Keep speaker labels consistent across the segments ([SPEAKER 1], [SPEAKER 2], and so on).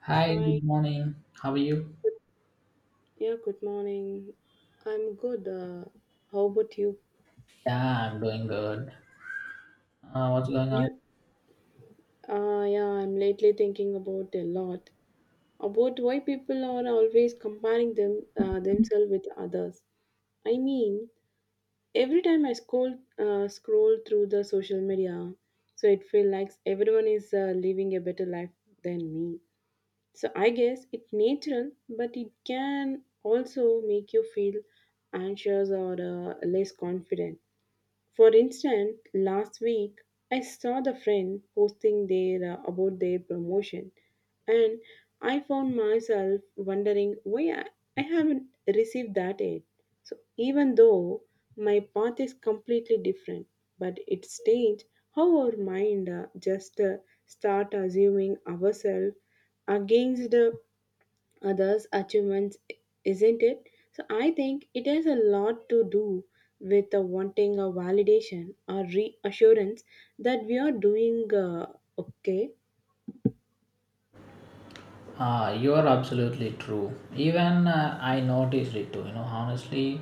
[SPEAKER 1] Hi, good
[SPEAKER 2] Hi.
[SPEAKER 1] morning. How are you?
[SPEAKER 2] Good, yeah, good morning. I'm good. How about you?
[SPEAKER 1] Yeah, I'm doing good. What's going on?
[SPEAKER 2] You? Yeah, I'm lately thinking about a lot about why people are always comparing themselves with others. I mean, every time I scroll through the social media, so it feels like everyone is living a better life than me. So I guess it's natural, but it can also make you feel anxious or less confident. For instance, last week I saw the friend posting their about their promotion, and I found myself wondering why I haven't received that yet. So even though my path is completely different, but it changed how our mind just start assuming ourselves against the others' achievements, isn't it? So I think it has a lot to do with the wanting a validation or reassurance that we are doing okay.
[SPEAKER 1] You're absolutely true. Even I noticed it too. You know, honestly,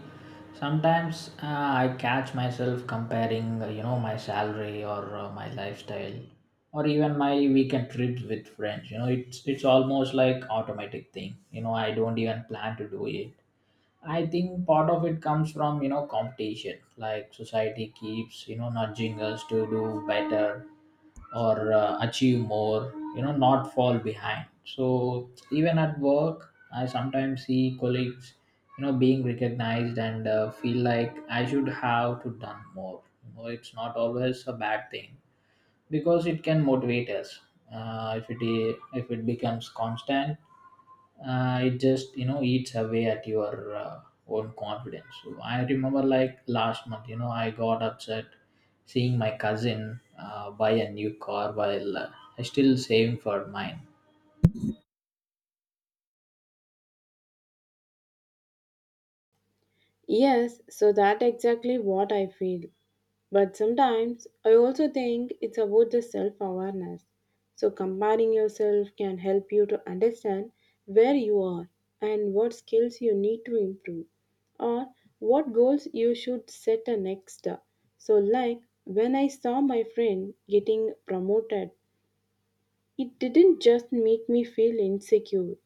[SPEAKER 1] sometimes I catch myself comparing, you know, my salary or my lifestyle, or even my weekend trips with friends. You know, it's almost like automatic thing. You know, I don't even plan to do it. I think part of it comes from you know competition. Like society keeps you know nudging us to do better or achieve more. You know, not fall behind. So even at work, I sometimes see colleagues you know being recognized and feel like I should have to done more. You know, it's not always a bad thing because it can motivate us. If it becomes constant it just you know eats away at your own confidence. So I remember like last month, you know, I got upset seeing my cousin buy a new car while still saving for mine.
[SPEAKER 2] Yes, so that exactly what I feel. But sometimes I also think it's about the self awareness. So comparing yourself can help you to understand where you are and what skills you need to improve or what goals you should set a next. So like when I saw my friend getting promoted, it didn't just make me feel insecure,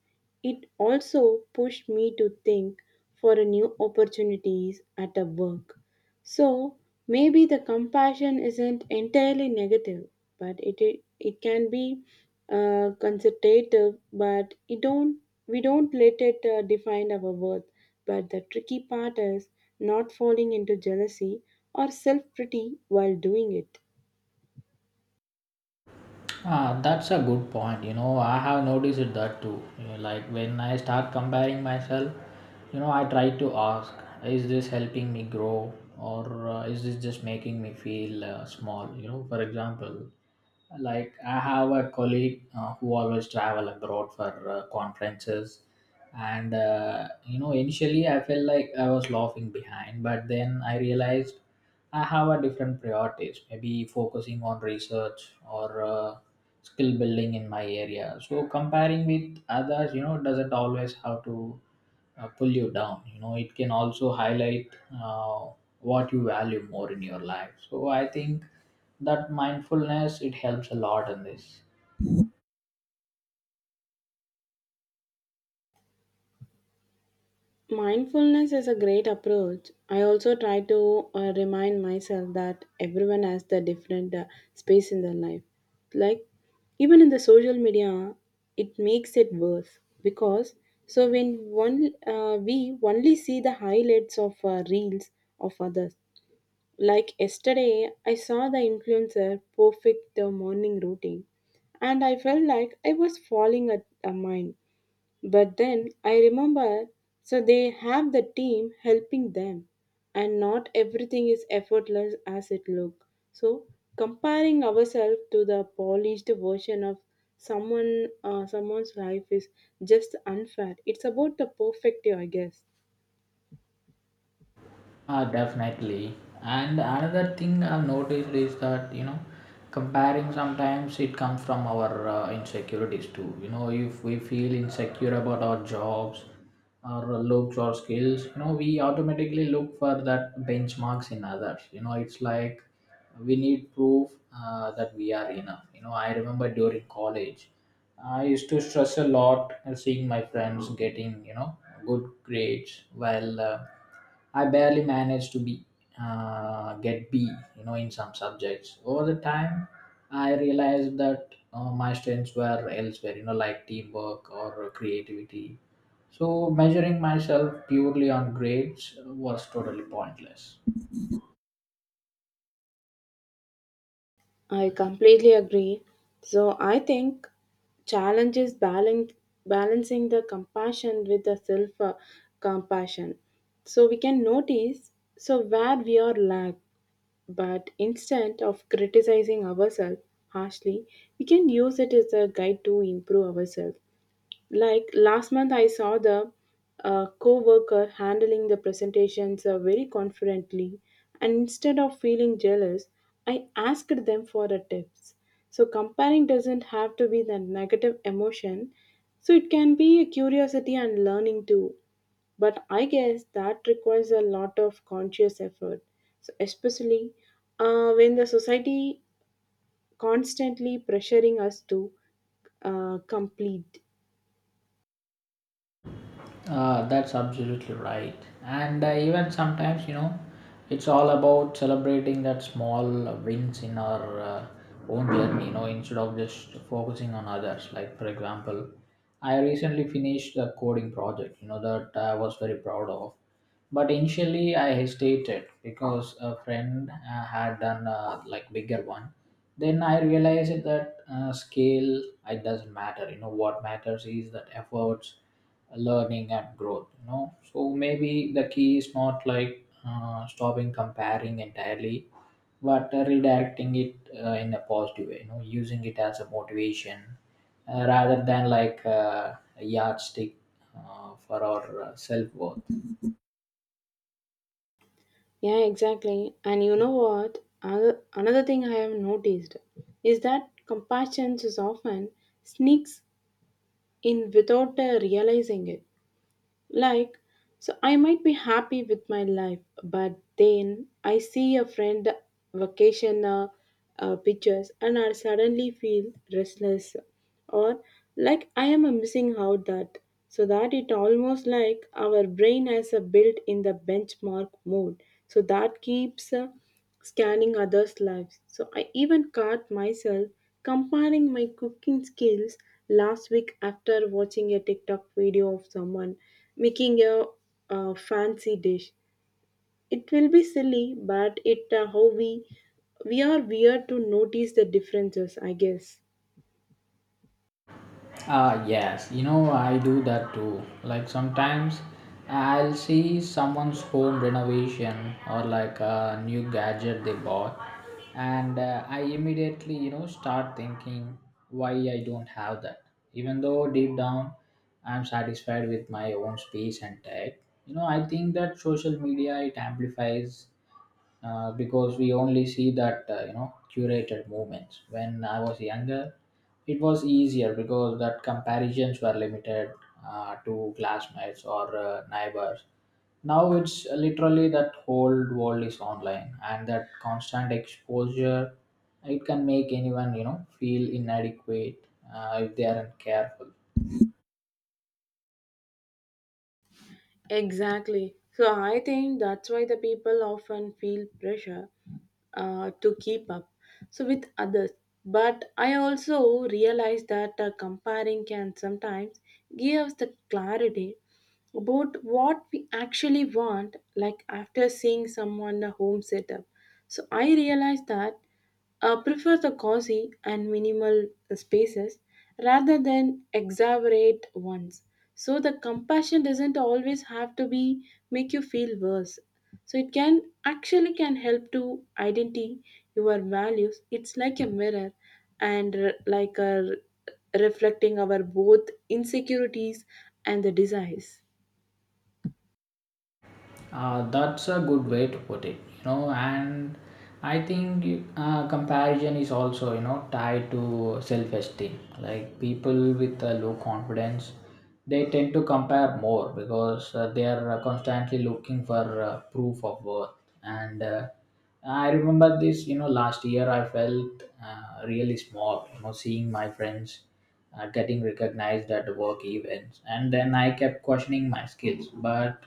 [SPEAKER 2] it also pushed me to think for a new opportunities at a work. So maybe the compassion isn't entirely negative, but it can be consultative, but it don't we don't let it define our worth. But the tricky part is not falling into jealousy or self pity while doing it.
[SPEAKER 1] Ah, that's a good point. You know, I have noticed it that too. You know, like when I start comparing myself, you know, I try to ask, is this helping me grow or is this just making me feel small? You know, for example, like I have a colleague who always travel abroad for conferences, and you know, initially I felt like I was laughing behind, but then I realized I have a different priorities, maybe focusing on research or skill building in my area. So comparing with others, you know, doesn't always have to pull you down. You know, it can also highlight uh, what you value more in your life. So I think that mindfulness, it helps a lot in this.
[SPEAKER 2] Mindfulness is a great approach. I also try to remind myself that everyone has the different space in their life. Like even in the social media, it makes it worse because so when one we only see the highlights of reels of others. Like yesterday, I saw the influencer perfect morning routine, and I felt like I was falling at a mine, but then I remember, so they have the team helping them, and not everything is effortless as it look. So comparing ourselves to the polished version of someone's life is just unfair. It's about the perfect, I guess.
[SPEAKER 1] Definitely. And another thing I've noticed is that, you know, comparing sometimes it comes from our insecurities too. You know, if we feel insecure about our jobs, our looks or skills, you know, we automatically look for that benchmarks in others. You know, it's like we need proof that we are enough. You know, I remember during college, I used to stress a lot seeing my friends getting, you know, good grades while. I barely managed to be get B, you know, in some subjects. Over the time, I realized that my strengths were elsewhere, you know, like teamwork or creativity. So measuring myself purely on grades was totally pointless.
[SPEAKER 2] I completely agree. So I think challenge is balancing the compassion with the self compassion. So we can notice so where we are lack, but instead of criticizing ourselves harshly, we can use it as a guide to improve ourselves. Like last month, I saw the co worker handling the presentations very confidently, and instead of feeling jealous, I asked them for the tips. So, comparing doesn't have to be the negative emotion, so it can be a curiosity and learning too. But I guess that requires a lot of conscious effort, so especially when the society constantly pressuring us to complete.
[SPEAKER 1] Ah, that's absolutely right. And even sometimes, you know, it's all about celebrating that small wins in our own journey, you know, instead of just focusing on others. Like, for example, I recently finished the coding project, you know, that I was very proud of. But initially I hesitated because a friend had done a like bigger one. Then I realized that scale, it doesn't matter. You know, what matters is that efforts, learning and growth. You know, so maybe the key is not like stopping comparing entirely, but redirecting it in a positive way, you know, using it as a motivation rather than like a yardstick for our self-worth.
[SPEAKER 2] Yeah, exactly. And you know what? Another thing I have noticed is that compassion is often sneaks in without realizing it. Like, so I might be happy with my life, but then I see a friend vacation pictures, and I suddenly feel restless or like I am missing out that. So that it almost like our brain has a built in the benchmark mode. So that keeps scanning others' lives. So I even caught myself comparing my cooking skills last week after watching a TikTok video of someone making a, fancy dish. It will be silly, but it how we are weird to notice the differences, I guess.
[SPEAKER 1] Ah yes, you know, I do that too. Like sometimes I'll see someone's home renovation or like a new gadget they bought, and I immediately, you know, start thinking why I don't have that. Even though deep down I'm satisfied with my own space and tech, you know, I think that social media, it amplifies because we only see that you know, curated moments. When I was younger, it was easier because that comparisons were limited to classmates or neighbors. Now it's literally that whole world is online, and that constant exposure, it can make anyone, you know, feel inadequate if they aren't careful.
[SPEAKER 2] Exactly. So I think that's why the people often feel pressure to keep up so with others. But I also realize that comparing can sometimes give us the clarity about what we actually want, like after seeing someone a home setup. So I realized that prefer the cozy and minimal spaces rather than exaggerate ones. So the compassion doesn't always have to be make you feel worse. So it can actually can help to identify your values. It's like a mirror and reflecting our both insecurities and the desires.
[SPEAKER 1] That's a good way to put it, you know, and I think comparison is also, you know, tied to self-esteem. Like people with a low confidence, they tend to compare more because they are constantly looking for proof of worth. And I remember this, you know, last year I felt really small, you know, seeing my friends getting recognized at work events, and then I kept questioning my skills, but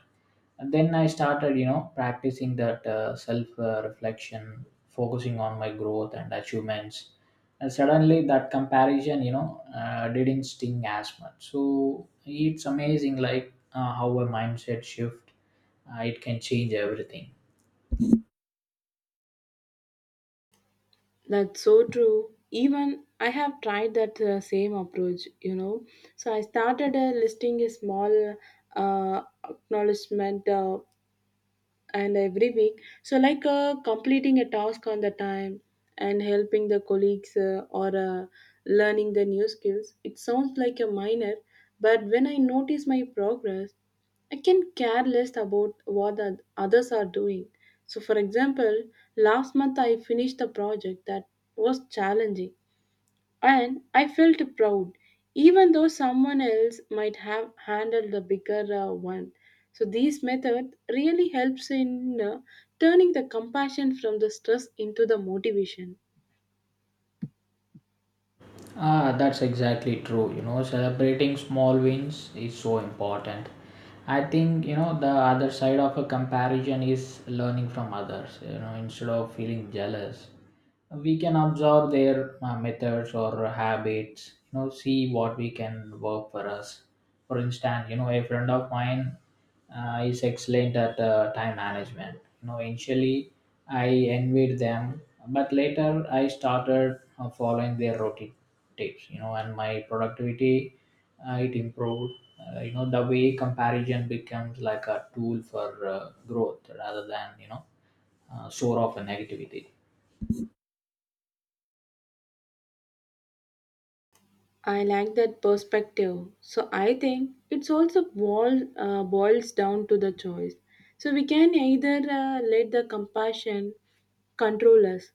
[SPEAKER 1] and then I started, you know, practicing that self reflection, focusing on my growth and achievements. And suddenly that comparison, you know, didn't sting as much. So it's amazing, like how a mindset shift, it can change everything.
[SPEAKER 2] That's so true. Even I have tried that same approach, you know. So I started uh, listing a small uh, acknowledgement uh, and every week. So, like completing a task on the time and helping the colleagues or learning the new skills, it sounds like a minor, but when I notice my progress, I can care less about what the others are doing. So, for example, last month I finished a project that was challenging, and I felt proud, even though someone else might have handled the bigger one. So, these method really helps in turning the compassion from the stress into the motivation.
[SPEAKER 1] Ah, that's exactly true. You know, celebrating small wins is so important. I think you know the other side of a comparison is learning from others. You know, instead of feeling jealous, we can observe their methods or habits. You know, see what we can work for us. For instance, you know, a friend of mine is excellent at time management. You know, initially I envied them, but later I started following their routine tips. You know, and my productivity it improved. You know, the way comparison becomes like a tool for growth rather than you know sort of negativity.
[SPEAKER 2] I like that perspective. So I think it's also boils down to the choice. So we can either let the compassion control us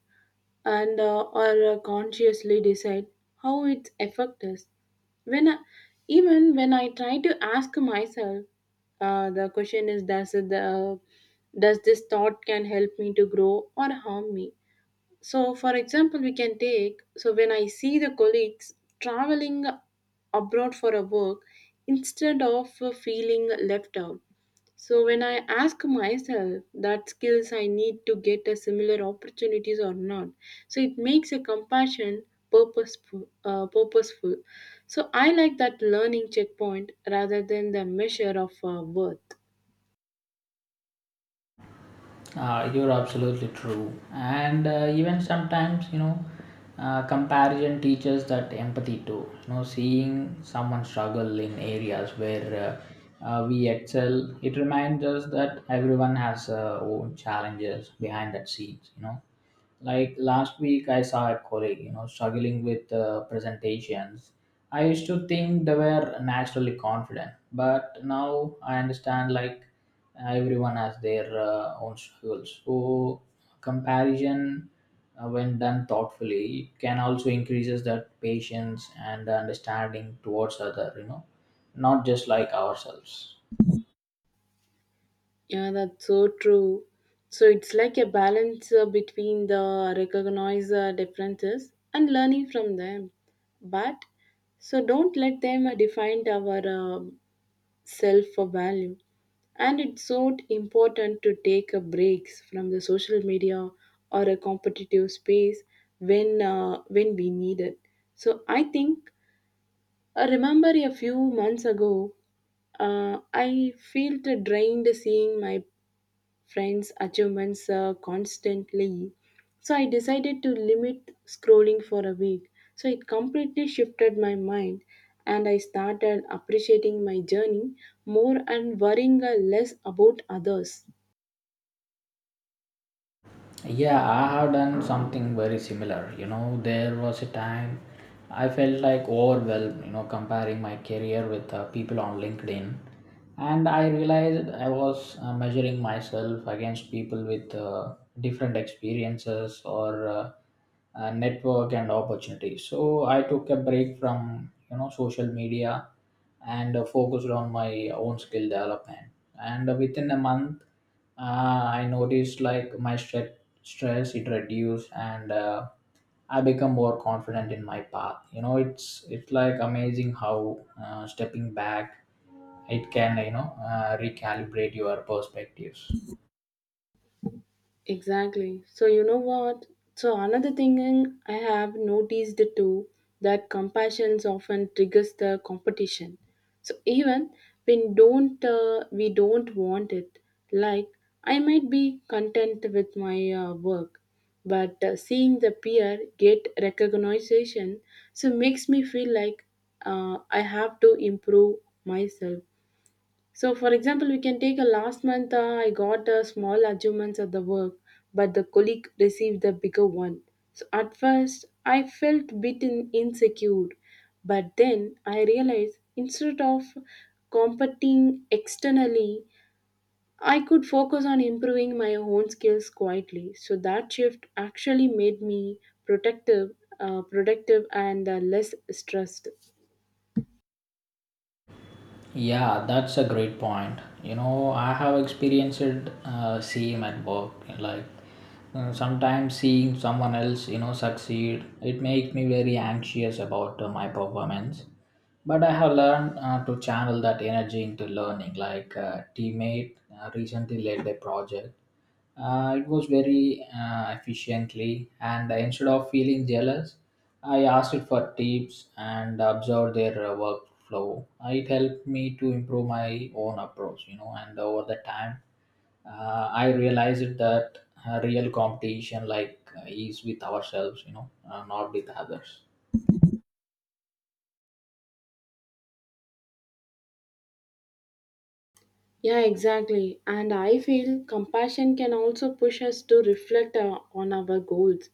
[SPEAKER 2] and or consciously decide how it affects us. When I, even when I try to ask myself, the question is does it, does this thought can help me to grow or harm me? So, for example, we can take so when I see the colleagues traveling abroad for a work instead of feeling left out. So, when I ask myself that skills I need to get a similar opportunities or not, so it makes a compassion purposeful. So, I like that learning checkpoint rather than the measure of worth.
[SPEAKER 1] You're absolutely true. And even sometimes, you know, comparison teaches that empathy too. You know, seeing someone struggle in areas where we excel, it reminds us that everyone has own challenges behind that scenes. You know, like last week, I saw a colleague, you know, struggling with presentations. I used to think they were naturally confident, but now I understand like everyone has their own struggles. So comparison, when done thoughtfully, can also increases that patience and understanding towards other, you know, not just like ourselves.
[SPEAKER 2] Yeah, that's so true. So it's like a balance between the recognize differences and learning from them. But so don't let them define our self value. And it's so important to take breaks from the social media or a competitive space when we need it. So I think I remember a few months ago I felt drained seeing my friends' achievements constantly. So I decided to limit scrolling for a week. So it completely shifted my mind, and I started appreciating my journey more and worrying less about others.
[SPEAKER 1] Yeah, I have done something very similar. You know, there was a time I felt like overwhelmed, you know, comparing my career with people on LinkedIn. And I realized I was measuring myself against people with different experiences or network and opportunities. So I took a break from, you know, social media and focused on my own skill development. And within a month, I noticed like my stress, it reduced and I become more confident in my path. You know, it's like amazing how stepping back, it can, you know, recalibrate your perspectives.
[SPEAKER 2] Exactly. So you know what? So another I have noticed too that compassion often triggers the competition. So even when don't we don't want it, like I might be content with my work, but seeing the peer get recognition so makes me feel like I have to improve myself. So, for example, we can take a last month I got a small achievements at the work, but the colleague received the bigger one. So, at first, I felt bit insecure, but then I realized instead of competing externally, I could focus on improving my own skills quietly. So, that shift actually made me productive, and less stressed.
[SPEAKER 1] Yeah, that's a great point. You know, I have experienced same at work. Like sometimes seeing someone else, you know, succeed, it makes me very anxious about my performance. But I have learned to channel that energy into learning. Like a teammate recently led a project it was very efficiently, and instead of feeling jealous, I asked it for tips and observed their workflow. It helped me to improve my own approach, you know, and over the time, I realized that real competition like is with ourselves, you know, not with others.
[SPEAKER 2] Yeah, exactly. And I feel compassion can also push us to reflect on our goals.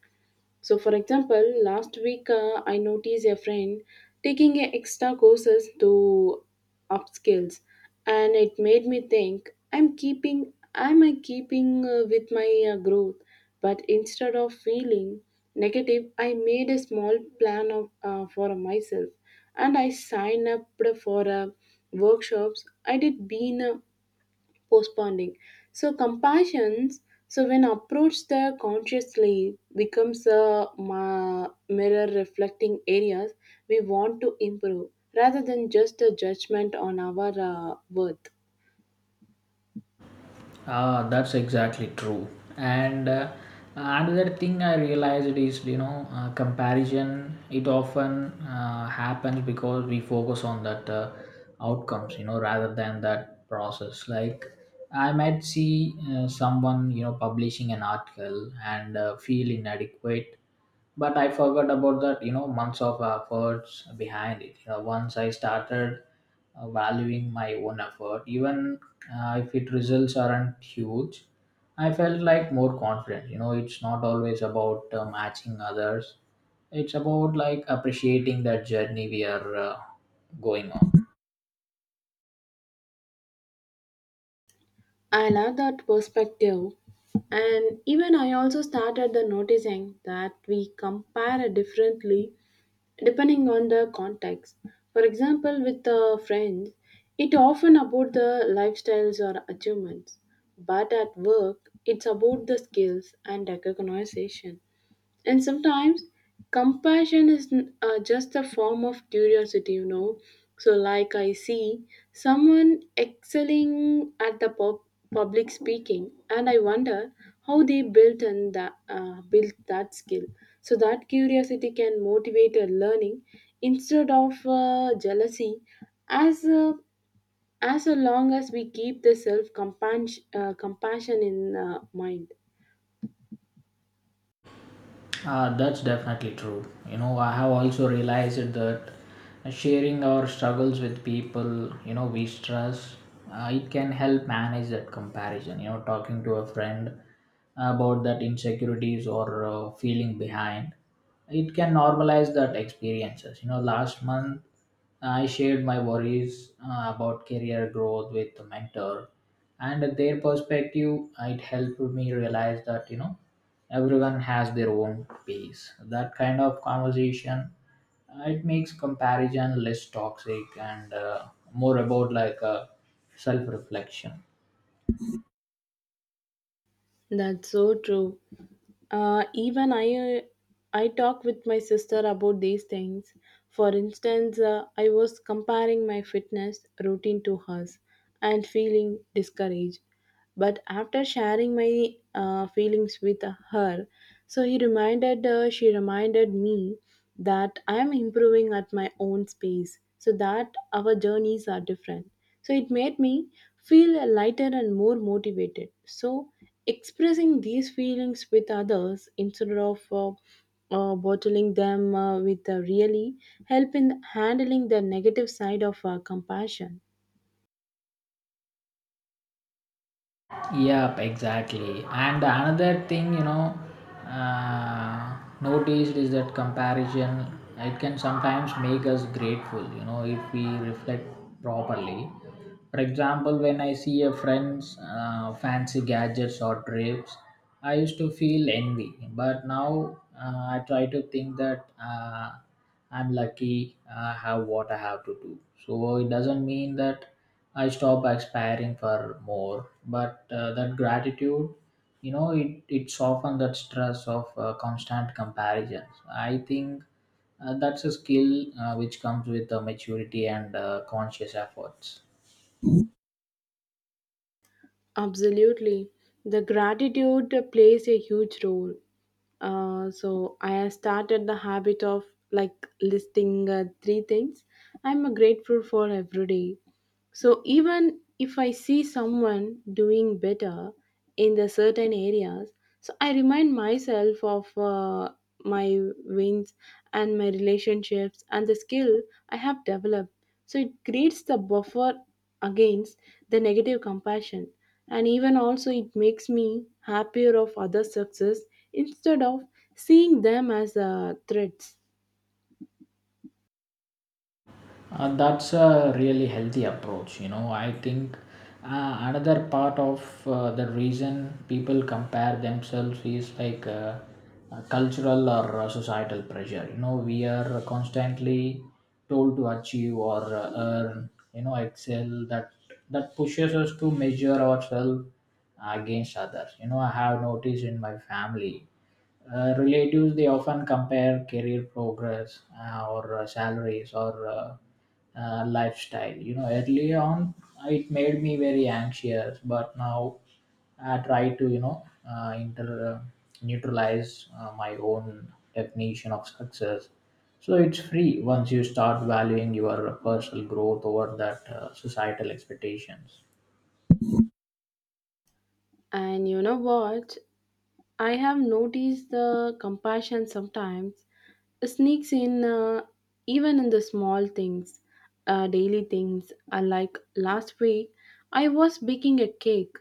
[SPEAKER 2] So, for example, last week I noticed a friend taking a extra courses to upskills, and it made me think I'm keeping am I keeping with my growth? But instead of feeling negative, I made a small plan of for myself, and I signed up for workshops. I did been postponing. So compassion, so when approached the consciously, becomes a mirror reflecting areas we want to improve rather than just a judgment on our worth.
[SPEAKER 1] Ah, that's exactly true. And another thing I realized is, you know, comparison. It often happens because we focus on that outcomes, you know, rather than that process. Like I might see someone, you know, publishing an article and feel inadequate, but I forgot about that, you know, months of efforts behind it. You know, once I started valuing my own effort, even if it results aren't huge. I felt like more confident. You know, it's not always about matching others. It's about like appreciating that journey we are going on.
[SPEAKER 2] I love that perspective. And even I also started the noticing that we compare differently depending on the context. For example, with friends, it often about the lifestyles or achievements, but at work, it's about the skills and recognition. And sometimes compassion is just a form of curiosity, you know. So, like I see someone excelling at the public speaking, and I wonder how they built and that, built that skill. So that curiosity can motivate a learning instead of jealousy, as uh, as long as we keep the self compassion in mind.
[SPEAKER 1] That's definitely true. You know, I have also realized that sharing our struggles with people, you know, we stress, it can help manage that comparison. You know, talking to a friend about that insecurities or feeling behind, it can normalize that experiences. You know, last month I shared my worries about career growth with a mentor, and their perspective, it helped me realize that you know everyone has their own pace. That kind of conversation, it makes comparison less toxic and more about like a self-reflection.
[SPEAKER 2] That's so true. Even I talk with my sister about these things. For instance, I was comparing my fitness routine to hers and feeling discouraged. But after sharing my feelings with her, so she reminded me that I am improving at my own pace, so that our journeys are different. So it made me feel lighter and more motivated. So, expressing these feelings with others instead of bottling them with really help in handling the negative side of compassion.
[SPEAKER 1] Yep, exactly. And another thing, you know, noticed is that comparison, it can sometimes make us grateful. You know, if we reflect properly. For example, when I see a friend's fancy gadgets or trips, I used to feel envy, but now I try to think that I'm lucky. I have what I have to do. So it doesn't mean that I stop aspiring for more. But that gratitude, you know, it softens that stress of constant comparisons. I think that's a skill which comes with maturity and conscious efforts.
[SPEAKER 2] Absolutely, the gratitude plays a huge role. So I have started the habit of like listing 3 things I'm grateful for every day. So even if I see someone doing better in the certain areas, so I remind myself of my wins and my relationships and the skill I have developed. So it creates the buffer against the negative compassion, and even also it makes me happier of other success instead of seeing them as threats.
[SPEAKER 1] That's a really healthy approach. You know, I think another part of the reason people compare themselves is like cultural or societal pressure. You know, we are constantly told to achieve or earn, you know, excel. That pushes us to measure ourselves against others. You know, I have noticed in my family relatives they often compare career progress or salaries or lifestyle. You know, early on it made me very anxious, but now I try to you know inter neutralize my own definition of success. So it's free once you start valuing your personal growth over that societal expectations.
[SPEAKER 2] And you know what? I have noticed the compassion sometimes sneaks in even in the small things, daily things. Like last week, I was baking a cake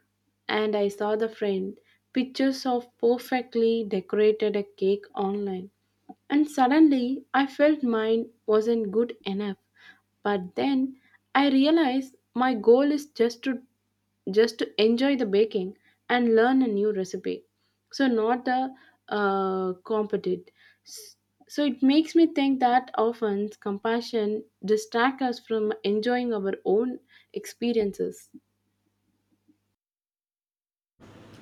[SPEAKER 2] and I saw the friend pictures of perfectly decorated a cake online. And suddenly, I felt mine wasn't good enough. But then I realized my goal is just to enjoy the baking and learn a new recipe, so not a uh, competent S- so it makes me think that often compassion distracts us from enjoying our own experiences.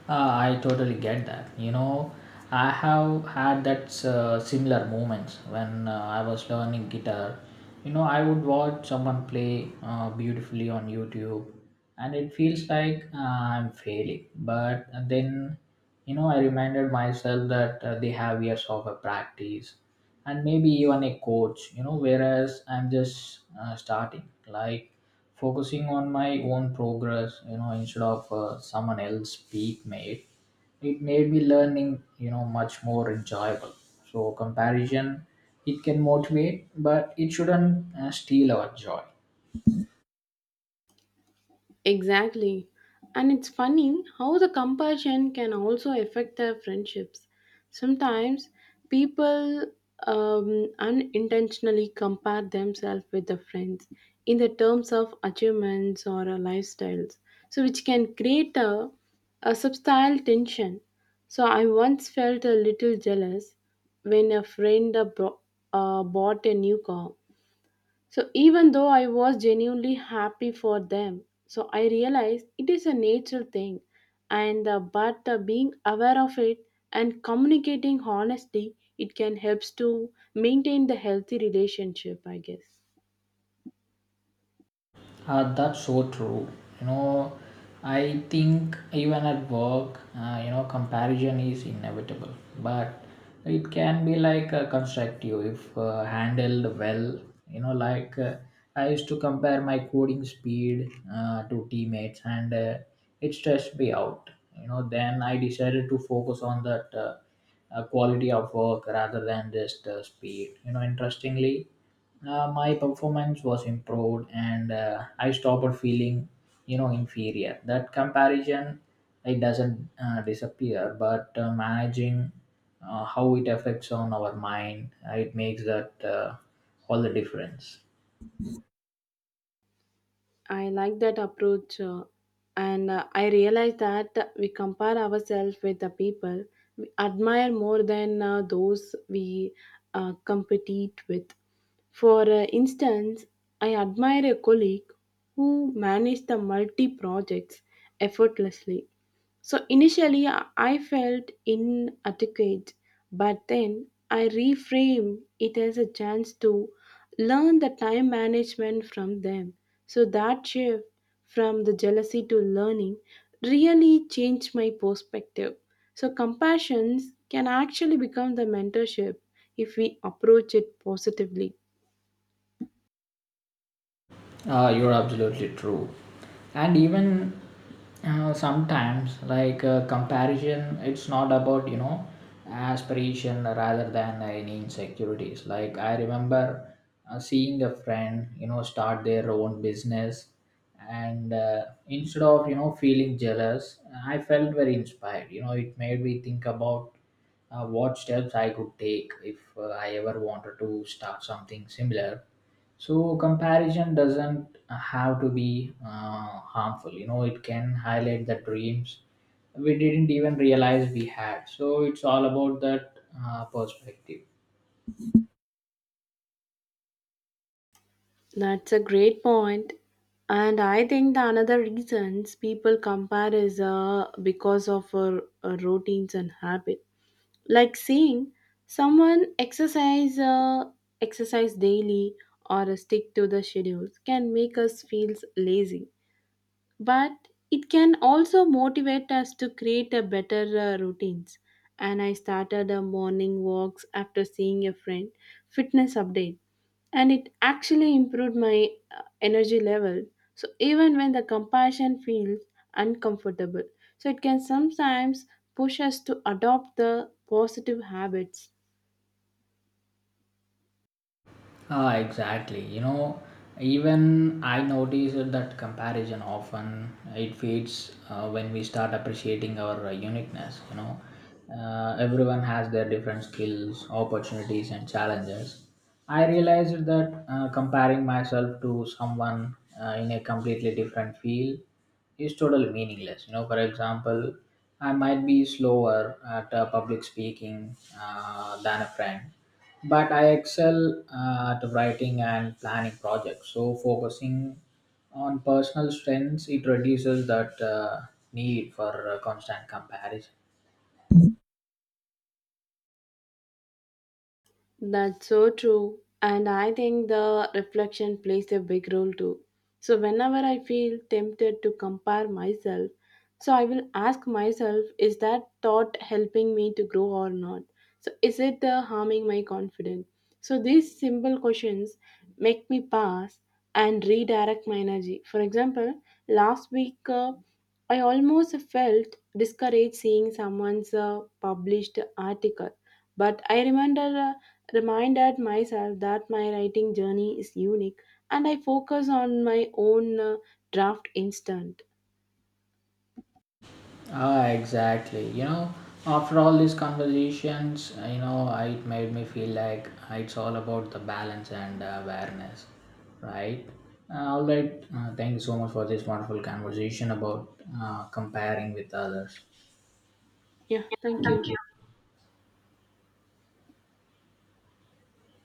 [SPEAKER 1] I totally get that. You know, I have had that similar moments when I was learning guitar. You know, I would watch someone play beautifully on YouTube, and it feels like I'm failing. But then, you know, I reminded myself that they have years of a practice, and maybe even a coach. You know, whereas I'm just starting. Like focusing on my own progress you know instead of someone else peak made it made me learning you know much more enjoyable, so comparison, it can motivate, but it shouldn't steal our joy.
[SPEAKER 2] Exactly. And it's funny how the compassion can also affect their friendships. Sometimes people unintentionally compare themselves with their friends in the terms of achievements or lifestyles, so which can create a subtle tension. So I once felt a little jealous when a friend bought a new car, so even though I was genuinely happy for them, so I realized it is a natural thing, and but being aware of it and communicating honestly, it can helps to maintain the healthy relationship. I guess.
[SPEAKER 1] That's so true. You know, I think even at work, you know, comparison is inevitable, but it can be like constructive if handled well. You know, like I used to compare my coding speed to teammates, and it stressed me out. You know, then I decided to focus on that quality of work rather than just speed. You know, interestingly my performance was improved and I stopped feeling you know inferior. That comparison, it doesn't disappear, but managing how it affects on our mind it makes that all the difference.
[SPEAKER 2] I like that approach, and I realize that we compare ourselves with the people we admire more than those we compete with. For instance, I admire a colleague who managed the multi projects effortlessly, so initially, I felt inadequate, but then I reframed it as a chance to learn the time management from them. So that shift from the jealousy to learning really changed my perspective. So compassions can actually become the mentorship if we approach it positively.
[SPEAKER 1] You're absolutely true. And even sometimes, like comparison, it's not about, you know, aspiration rather than any insecurities. Like, I remember seeing a friend, you know, start their own business. And instead of, you know, feeling jealous, I felt very inspired. You know, it made me think about what steps I could take if I ever wanted to start something similar. So comparison doesn't have to be harmful. You know, it can highlight the dreams we didn't even realize we had. So it's all about that perspective.
[SPEAKER 2] That's a great point. And I think the another reasons people compare is because of routines and habit. Like seeing someone exercise daily or stick to the schedules can make us feel lazy. But it can also motivate us to create a better routines. And I started a morning walks after seeing a friend fitness update, and it actually improved my energy level, so even when the compassion feels uncomfortable, so it can sometimes push us to adopt the positive habits.
[SPEAKER 1] Ah, exactly. You know, even I notice that comparison often it fades when we start appreciating our uniqueness. You know, everyone has their different skills, opportunities, and challenges. I realized that comparing myself to someone in a completely different field is totally meaningless. You know, for example, I might be slower at public speaking than a friend, but I excel at writing and planning projects. So focusing on personal strengths, it reduces that need for constant comparison.
[SPEAKER 2] That's so true. And I think the reflection plays a big role too. So, whenever I feel tempted to compare myself, so I will ask myself, is that thought helping me to grow or not? So, is it harming my confidence? So, these simple questions make me pause and redirect my energy. For example, last week I almost felt discouraged seeing someone's published article, but I remember. Reminded myself that my writing journey is unique and I focus on my own draft instant.
[SPEAKER 1] Ah, exactly. You know, after all these conversations, you know, it made me feel like it's all about the balance and awareness, right? All right. Thank you so much for this wonderful conversation about comparing with others.
[SPEAKER 2] Yeah, thank you.